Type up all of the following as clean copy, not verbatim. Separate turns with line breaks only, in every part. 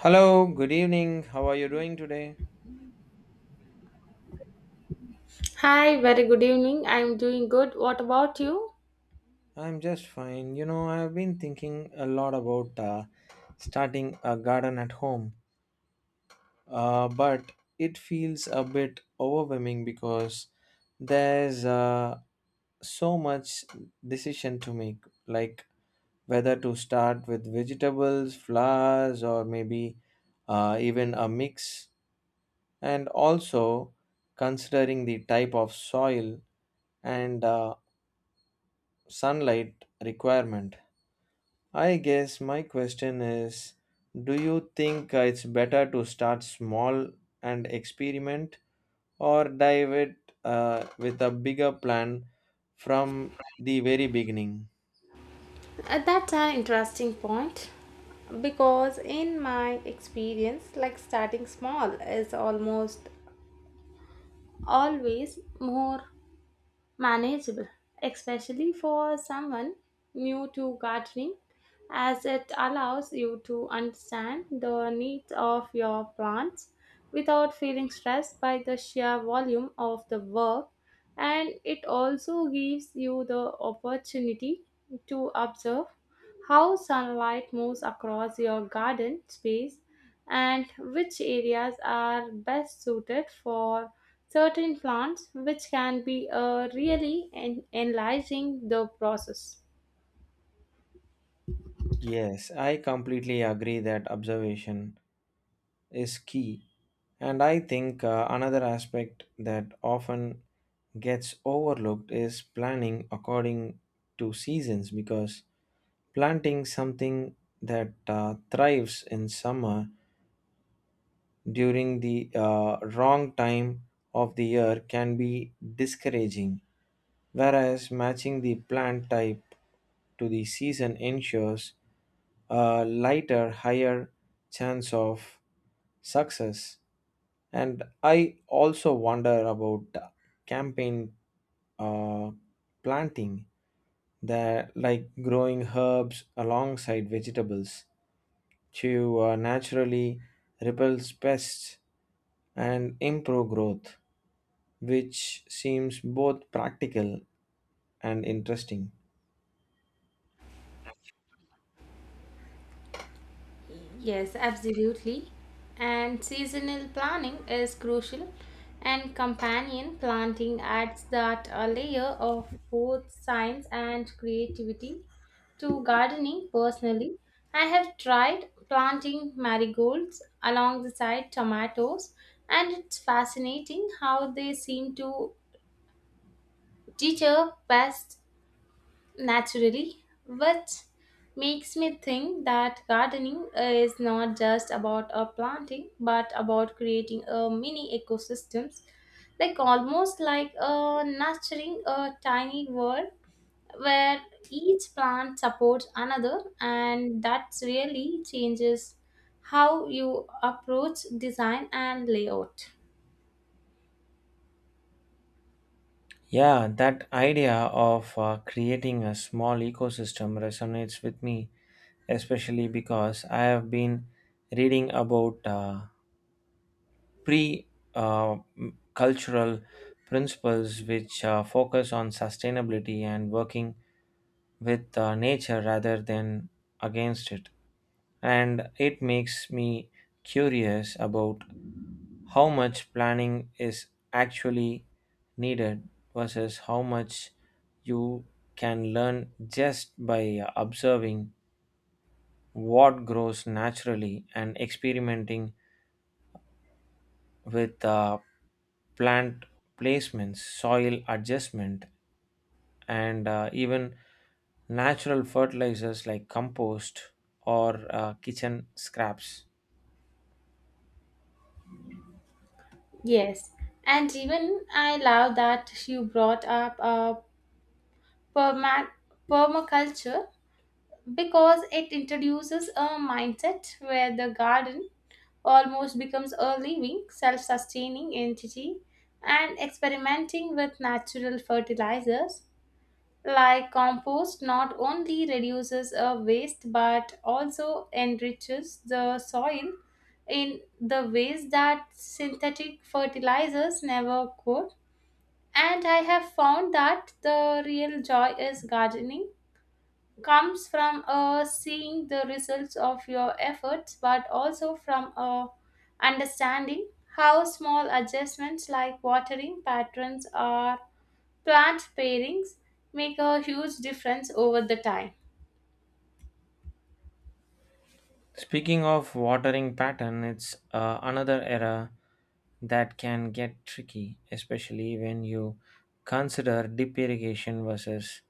Hello, good evening. How are you doing today?
Hi, very good evening. I'm doing good. What about you?
I'm just fine. You know, I've been thinking a lot about starting a garden at home, but it feels a bit overwhelming because there's so much decision to make, like whether to start with vegetables, flowers, or maybe even a mix, and also considering the type of soil and sunlight requirement. I guess my question is, do you think it's better to start small and experiment or dive it with a bigger plan from the very beginning?
That's an interesting point because, in my experience, like starting small is almost always more manageable, especially for someone new to gardening, as it allows you to understand the needs of your plants without feeling stressed by the sheer volume of the work. And it also gives you the opportunity to observe how sunlight moves across your garden space and which areas are best suited for certain plants, which can be really enlarging the process.
Yes, I completely agree that observation is key. And I think another aspect that often gets overlooked is planning according to seasons, because planting something that thrives in summer during the wrong time of the year can be discouraging, whereas matching the plant type to the season ensures a lighter, higher chance of success. And I also wonder about campaign uh, planting, that like growing herbs alongside vegetables to naturally repels pests and improve growth, which seems both practical and interesting.
Yes, absolutely. And seasonal planning is crucial, and companion planting adds that a layer of both science and creativity to gardening. Personally, I have tried planting marigolds along the side tomatoes, and it's fascinating how they seem to deter pests naturally, what makes me think that gardening is not just about a planting but about creating a mini ecosystems, like almost like a nurturing a tiny world where each plant supports another and that really changes how you approach design and layout.
Yeah, that idea of creating a small ecosystem resonates with me, especially because I have been reading about. Pre Cultural principles which focus on sustainability and working with nature rather than against it. And it makes me curious about how much planning is actually needed versus how much you can learn just by observing what grows naturally and experimenting with plant placements, soil adjustment, and even natural fertilizers like compost or kitchen scraps.
Yes, and even I love that you brought up perma- permaculture because it introduces a mindset where the garden almost becomes a living, self sustaining entity, and experimenting with natural fertilizers like compost not only reduces a waste but also enriches the soil in the ways that synthetic fertilizers never could. And I have found that the real joy is gardening comes from seeing the results of your efforts, but also from understanding how small adjustments like watering patterns or plant pairings make a huge difference over the time.
Speaking of watering pattern, it's another error that can get tricky, especially when you consider deep irrigation versus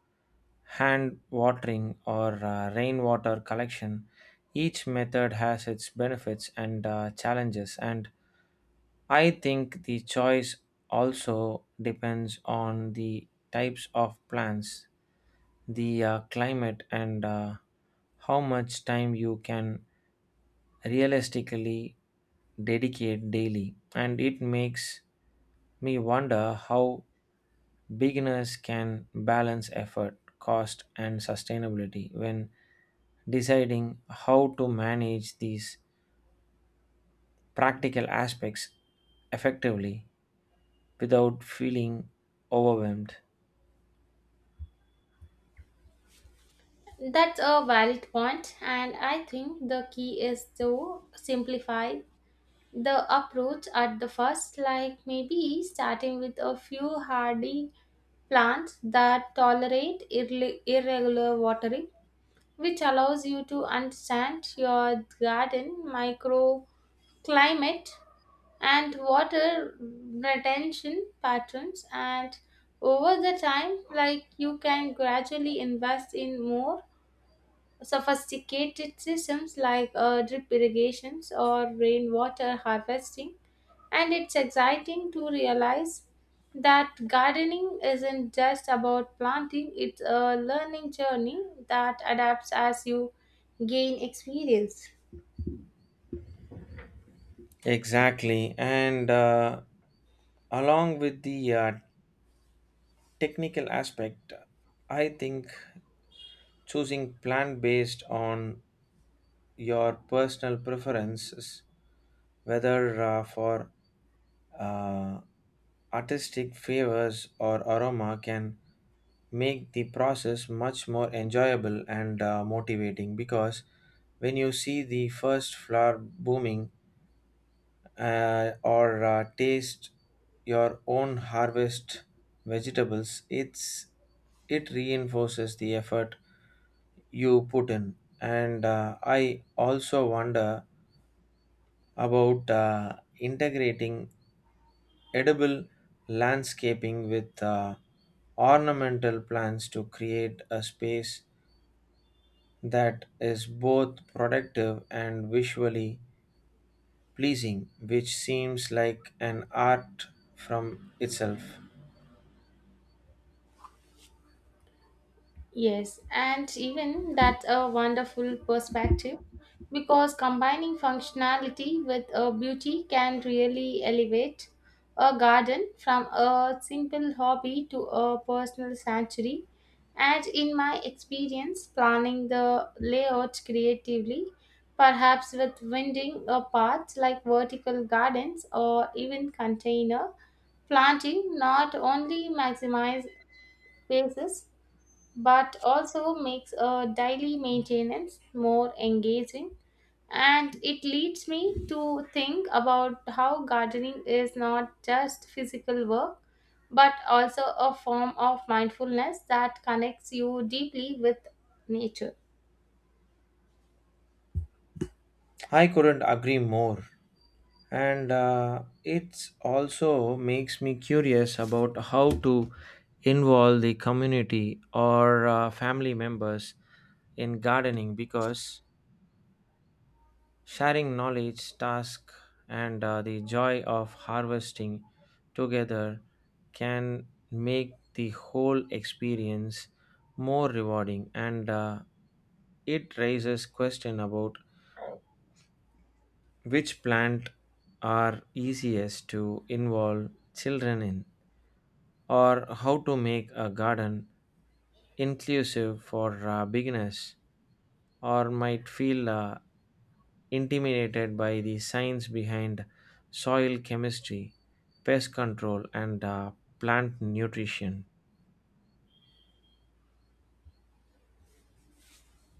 hand watering or rainwater collection. Each method has its benefits and challenges, and I think the choice also depends on the types of plants, the climate, and how much time you can realistically dedicate daily. And it makes me wonder how beginners can balance effort, cost, and sustainability when deciding how to manage these practical aspects effectively without feeling overwhelmed.
That's a valid point, and I think the key is to simplify the approach at the first, like maybe starting with a few hardy plants that tolerate irregular watering, which allows you to understand your garden microclimate and water retention patterns, and over the time, like, you can gradually invest in more sophisticated systems like drip irrigations or rainwater harvesting. And it's exciting to realize that gardening isn't just about planting, it's a learning journey that adapts as you gain experience.
Exactly. And along with the technical aspect, I think choosing plant based on your personal preferences, whether for uh, artistic favors or aroma, can make the process much more enjoyable and motivating, because when you see the first flower blooming or taste your own harvest vegetables, it reinforces the effort you put in. And I also wonder about integrating edible landscaping with ornamental plants to create a space that is both productive and visually pleasing, which seems like an art from itself.
Yes, and even that's a wonderful perspective because combining functionality with a beauty can really elevate a garden from a simple hobby to a personal sanctuary. And in my experience, planning the layout creatively, perhaps with winding a path like vertical gardens or even container planting, not only maximize spaces but also makes a daily maintenance more engaging. And it leads me to think about how gardening is not just physical work but also a form of mindfulness that connects you deeply with nature.
I couldn't agree more. And it also makes me curious about how to involve the community or family members in gardening, because sharing knowledge, task, and the joy of harvesting together can make the whole experience more rewarding. And it raises question about which plant are easiest to involve children in, or how to make a garden inclusive for beginners or might feel intimidated by the science behind soil chemistry, pest control, and plant nutrition.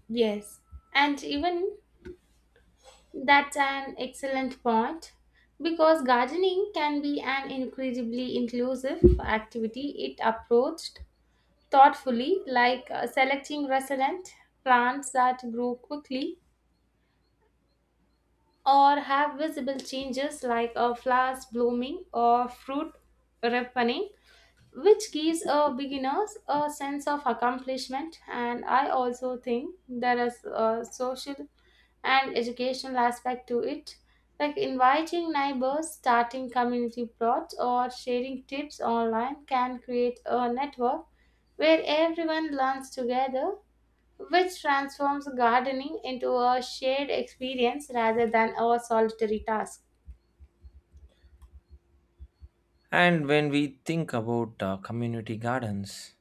Yes, and even that's an excellent point because gardening can be an incredibly inclusive activity it approached thoughtfully, like selecting resilient plants that grow quickly or have visible changes like flowers blooming or fruit ripening, which gives beginners a sense of accomplishment. And I also think there is a social and educational aspect to it, like inviting neighbors, starting community plots, or sharing tips online can create a network where everyone learns together, which transforms gardening into a shared experience rather than a solitary task.
And when we think about community gardens,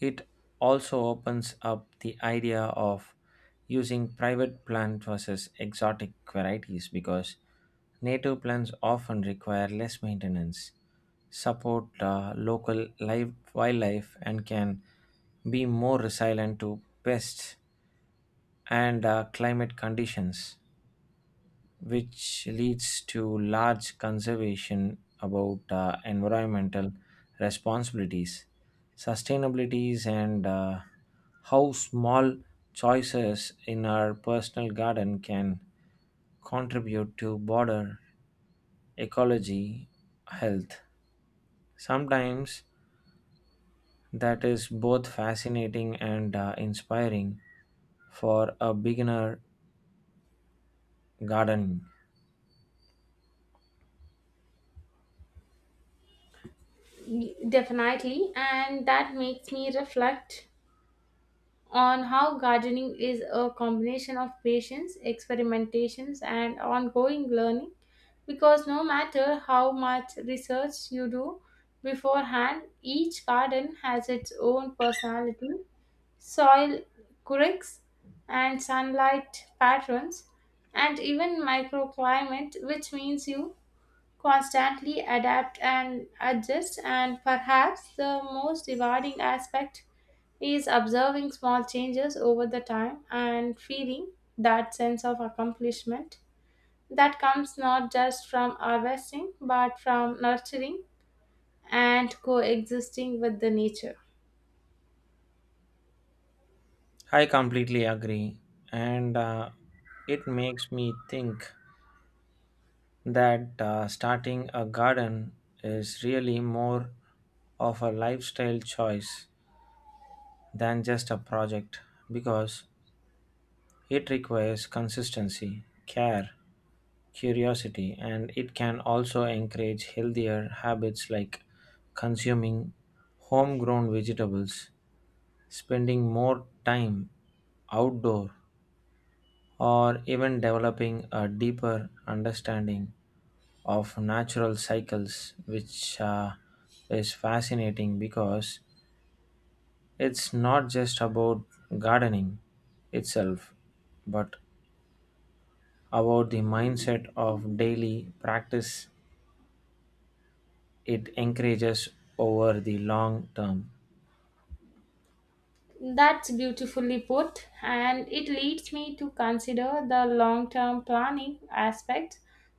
it also opens up the idea of using private plant versus exotic varieties, because native plants often require less maintenance, support local live wildlife, and can be more resilient to pests and climate conditions, which leads to large conservation about environmental responsibilities, sustainabilities, and how small choices in our personal garden can contribute to border ecology health. Sometimes that is both fascinating and inspiring for a beginner gardener.
Definitely, and that makes me reflect on how gardening is a combination of patience, experimentations, and ongoing learning, because no matter how much research you do beforehand, each garden has its own personality, soil currics, and sunlight patterns, and even microclimate, which means you constantly adapt and adjust. And perhaps the most rewarding aspect is observing small changes over the time and feeling that sense of accomplishment that comes not just from harvesting but from nurturing and coexisting with the nature.
I completely agree. And it makes me think that starting a garden is really more of a lifestyle choice than just a project, because it requires consistency, care, curiosity, and it can also encourage healthier habits like consuming homegrown vegetables, spending more time outdoor, or even developing a deeper understanding of natural cycles, which is fascinating because it's not just about gardening itself, but about the mindset of daily practice it encourages over the long term.
That's beautifully put, and it leads me to consider the long term planning aspect,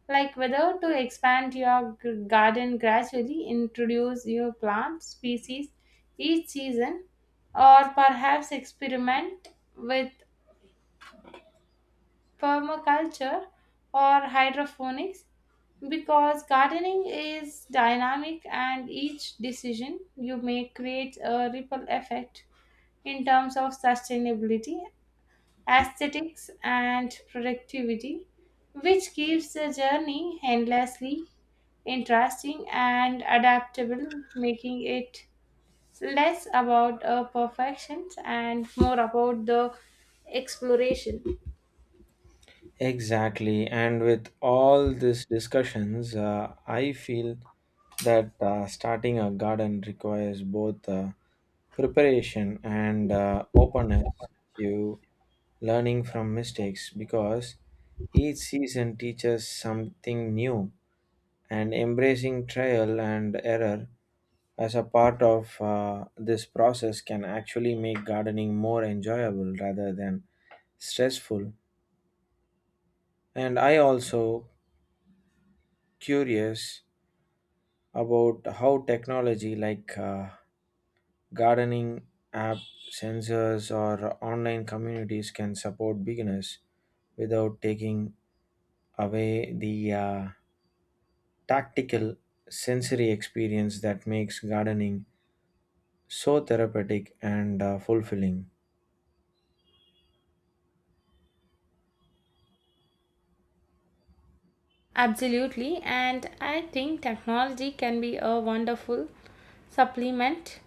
like whether to expand your garden gradually, introduce new plant species each season, or perhaps experiment with permaculture or hydroponics, because gardening is dynamic and each decision you make creates a ripple effect in terms of sustainability, aesthetics, and productivity, which keeps the journey endlessly interesting and adaptable, making it less about our perfections and more about the exploration.
Exactly. And with all these discussions, I feel that starting a garden requires both preparation and openness to learning from mistakes, because each season teaches something new, and embracing trial and error as a part of this process can actually make gardening more enjoyable rather than stressful. And I also curious about how technology like gardening app sensors or online communities can support beginners without taking away the tactical sensory experience that makes gardening so therapeutic and fulfilling.
Absolutely, and I think technology can be a wonderful supplement,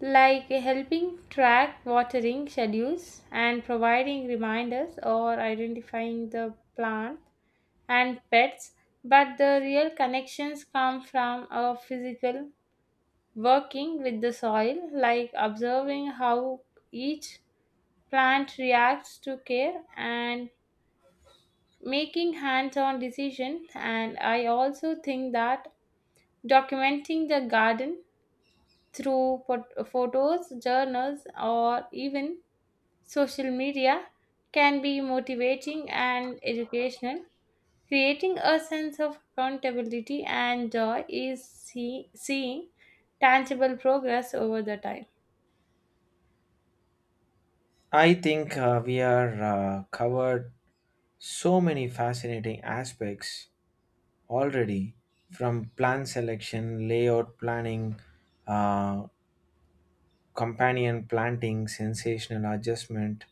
like helping track watering schedules and providing reminders or identifying the plant and pets, but the real connections come from a physical working with the soil, like observing how each plant reacts to care and making hands-on decisions. And I also think that documenting the garden through photos, journals, or even social media can be motivating and educational, creating a sense of accountability and joy is seeing tangible progress over the time.
I think we are covered so many fascinating aspects already, from plant selection layout planning, uh, companion planting, sensational adjustment,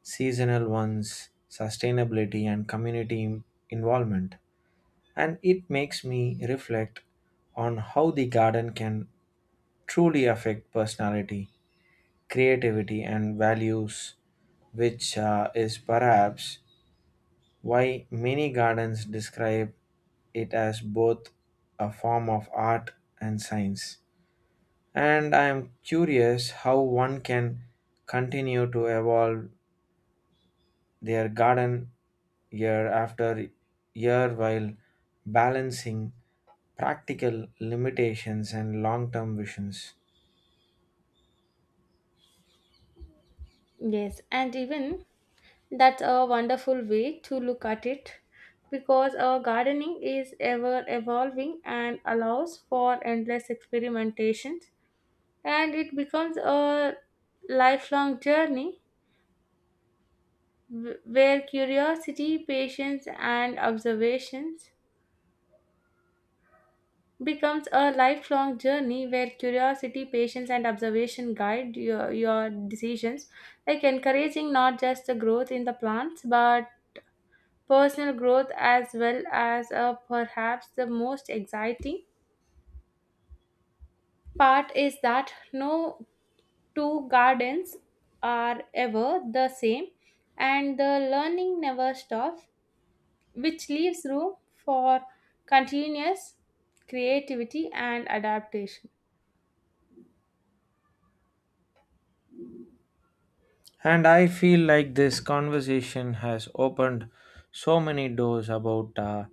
seasonal ones, sustainability, and community involvement. And it makes me reflect on how the garden can truly affect personality, creativity, and values, which is perhaps why many gardens describe it as both a form of art and science. And I am curious how one can continue to evolve their garden year after year while balancing practical limitations and long term visions.
Yes, and even that's a wonderful way to look at it, because our gardening is ever evolving and allows for endless experimentations, and it becomes a lifelong journey wh- where curiosity, patience and observations becomes a lifelong journey where curiosity, patience, and observation guide your decisions, like encouraging not just the growth in the plants but personal growth as well. As perhaps the most exciting part is that no two gardens are ever the same and the learning never stops, which leaves room for continuous creativity and adaptation.
And I feel like this conversation has opened so many doors about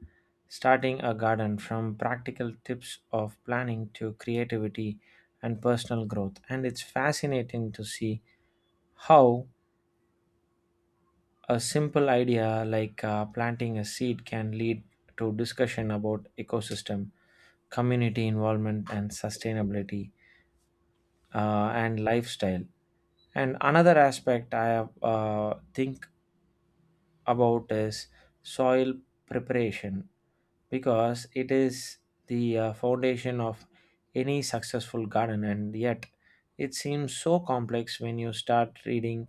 starting a garden, from practical tips of planning to creativity and personal growth. And it's fascinating to see how a simple idea like planting a seed can lead to discussion about ecosystem, community involvement, and sustainability, and lifestyle. And another aspect I have, think about is soil preparation, because it is the foundation of any successful garden, and yet it seems so complex when you start reading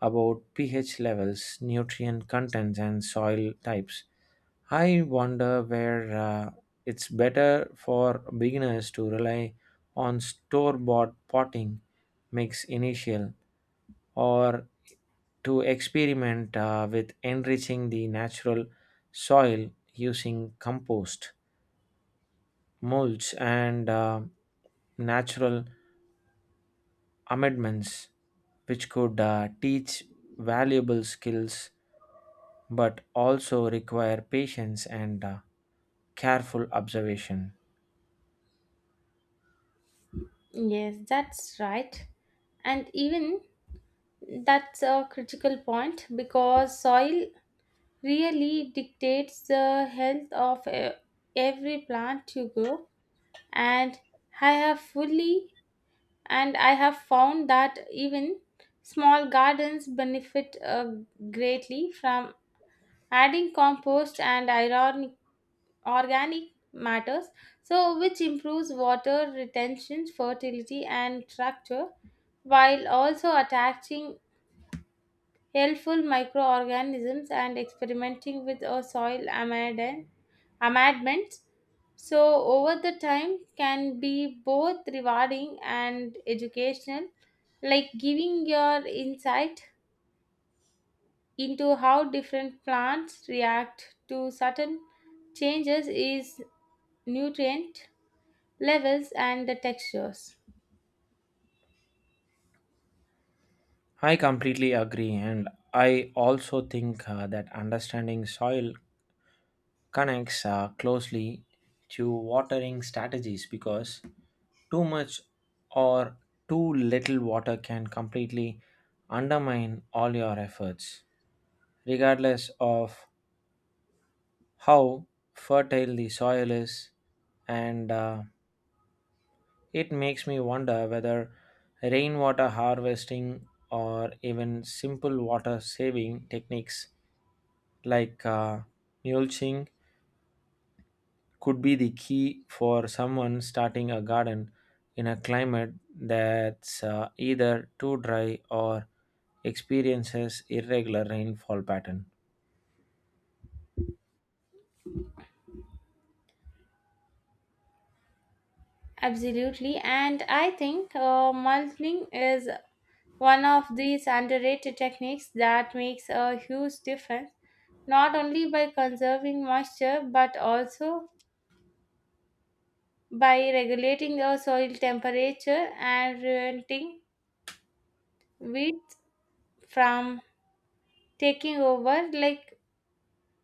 about pH levels, nutrient contents, and soil types. I wonder where it's better for beginners to rely on store bought potting mix initial, or to experiment with enriching the natural soil using compost, mulch, and natural amendments, which could teach valuable skills but also require patience and careful observation.
Yes, that's right. And even that's a critical point because soil really dictates the health of every plant you grow. And I have fully and I have found that even small gardens benefit greatly from adding compost and iron organic matters, so which improves water retention, fertility, and structure, while also attaching helpful microorganisms. And experimenting with a soil amendments so over the time can be both rewarding and educational, like giving your insight into how different plants react to certain changes is nutrient levels and the textures.
I completely agree, and I also think that understanding soil connects closely to watering strategies, because too much or too little water can completely undermine all your efforts, regardless of how fertile the soil is. And it makes me wonder whether rainwater harvesting or even simple water saving techniques like mulching could be the key for someone starting a garden in a climate that's either too dry or experiences irregular rainfall pattern.
Absolutely, and I think mulching is one of these underrated techniques that makes a huge difference, not only by conserving moisture but also by regulating the soil temperature and preventing weeds from taking over. Like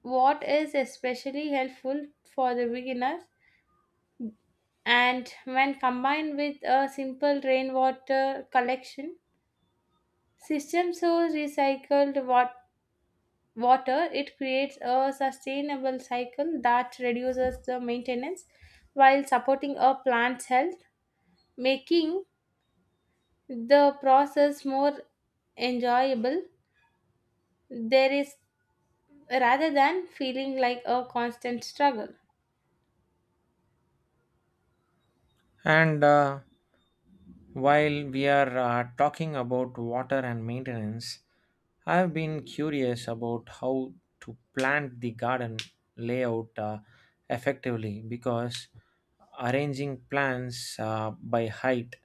what is especially helpful for the beginners, and when combined with a simple rainwater collection system, so recycled water, it creates a sustainable cycle that reduces the maintenance while supporting a plant's health, making the process more enjoyable. There is rather than feeling like a constant struggle.
And while we are talking about water and maintenance, I have been curious about how to plant the garden layout effectively, because arranging plants by height,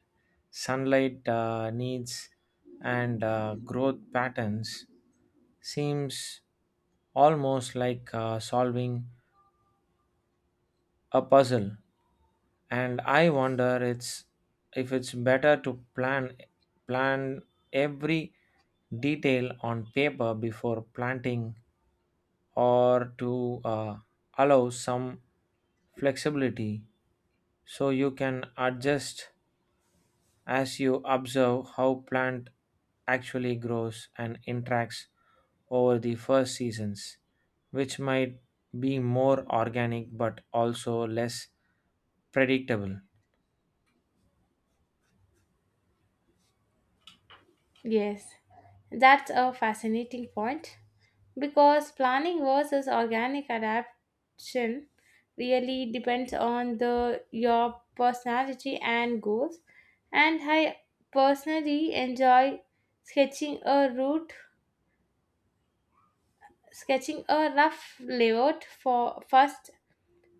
sunlight needs, and growth patterns seems almost like solving a puzzle. And I wonder it's, if it's better to plan plan every detail on paper before planting, or to uh, allow some flexibility so you can adjust as you observe how plant actually grows and interacts over the first seasons, which might be more organic but also less predictable.
Yes, that's a fascinating point, because planning versus organic adaptation really depends on the your personality and goals, and I personally enjoy sketching a route sketching a rough layout for first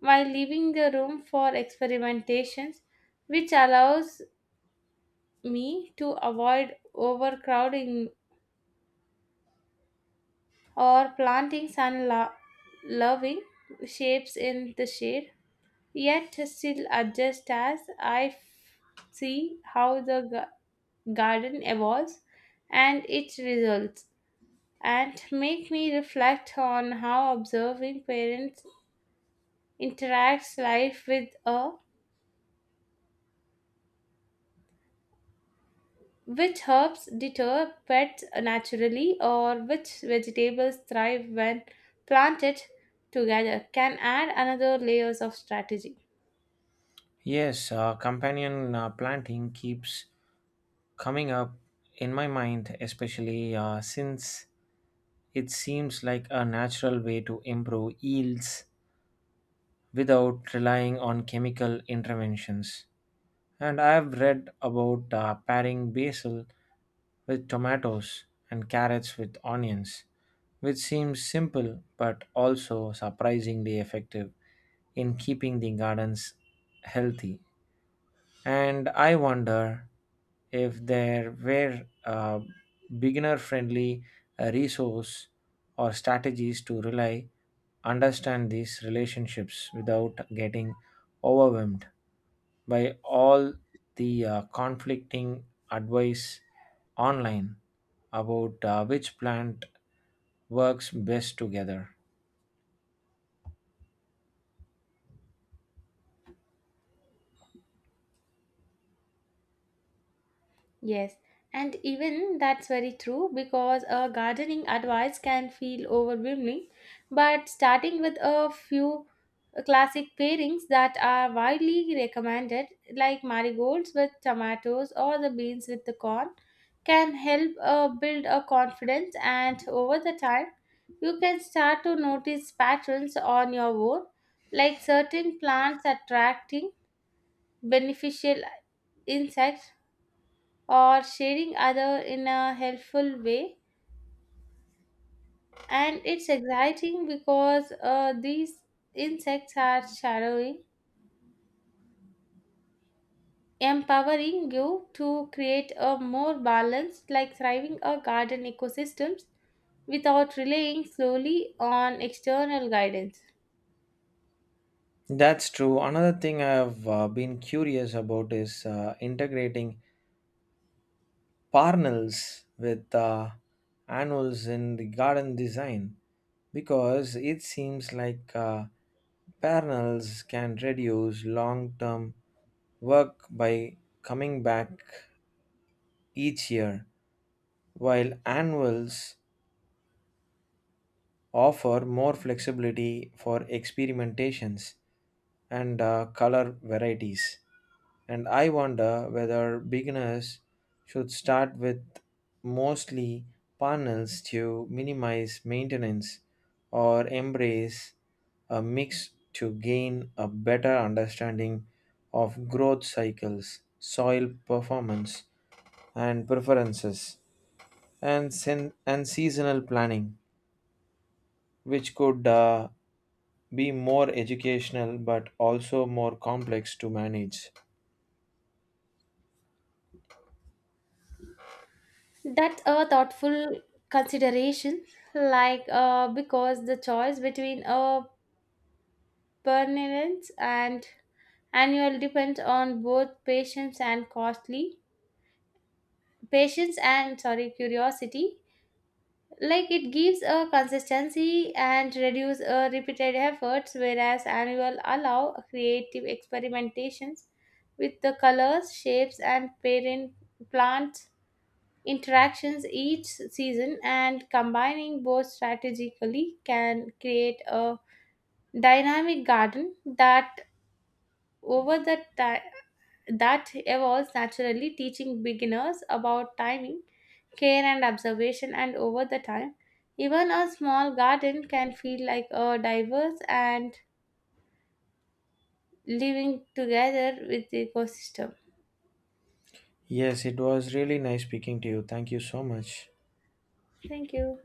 while leaving the room for experimentations, which allows me to avoid overcrowding or planting loving shapes in the shade. Yet still adjust as I see how the garden evolves and its results, and make me reflect on how observing parents interacts life with a which herbs deter pets naturally or which vegetables thrive when planted together can add another layers of strategy.
Yes, companion planting keeps coming up in my mind, especially since it seems like a natural way to improve yields without relying on chemical interventions. And I've read about pairing basil with tomatoes and carrots with onions, which seems simple but also surprisingly effective in keeping the gardens healthy. And I wonder if there were a beginner friendly resource or strategies to rely understand these relationships without getting overwhelmed by all the conflicting advice online about which plant works best together.
Yes, and even that's very true, because a gardening advice can feel overwhelming, but starting with a few classic pairings that are widely recommended, like marigolds with tomatoes or the beans with the corn, can help build a confidence. And over the time you can start to notice patterns on your own, like certain plants attracting beneficial insects or sharing other in a helpful way. And it's exciting because these insects are shadowing empowering you to create a more balanced like thriving a garden ecosystems without relying solely on external guidance.
That's true. Another thing I've been curious about is integrating parnels with annuals in the garden design, because it seems like parnels can reduce long term work by coming back each year, while annuals offer more flexibility for experimentations and color varieties. And I wonder whether beginners should start with mostly panels to minimize maintenance, or embrace a mix to gain a better understanding of growth cycles, soil performance, and preferences, and, and seasonal planning, which could be more educational but also more complex to manage.
That's a thoughtful consideration, like because the choice between a permanence and annual depends on both patience and, sorry, curiosity, like it gives a consistency and reduce a repeated efforts, whereas annual allow creative experimentations with the colors, shapes, and parent plant interactions each season. And combining both strategically can create a dynamic garden that over the time, that evolves naturally, teaching beginners about timing, care, and observation. And over the time, even a small garden can feel like a diverse and living together with the ecosystem.
Yes, it was really nice speaking to you. Thank you so much.
Thank you.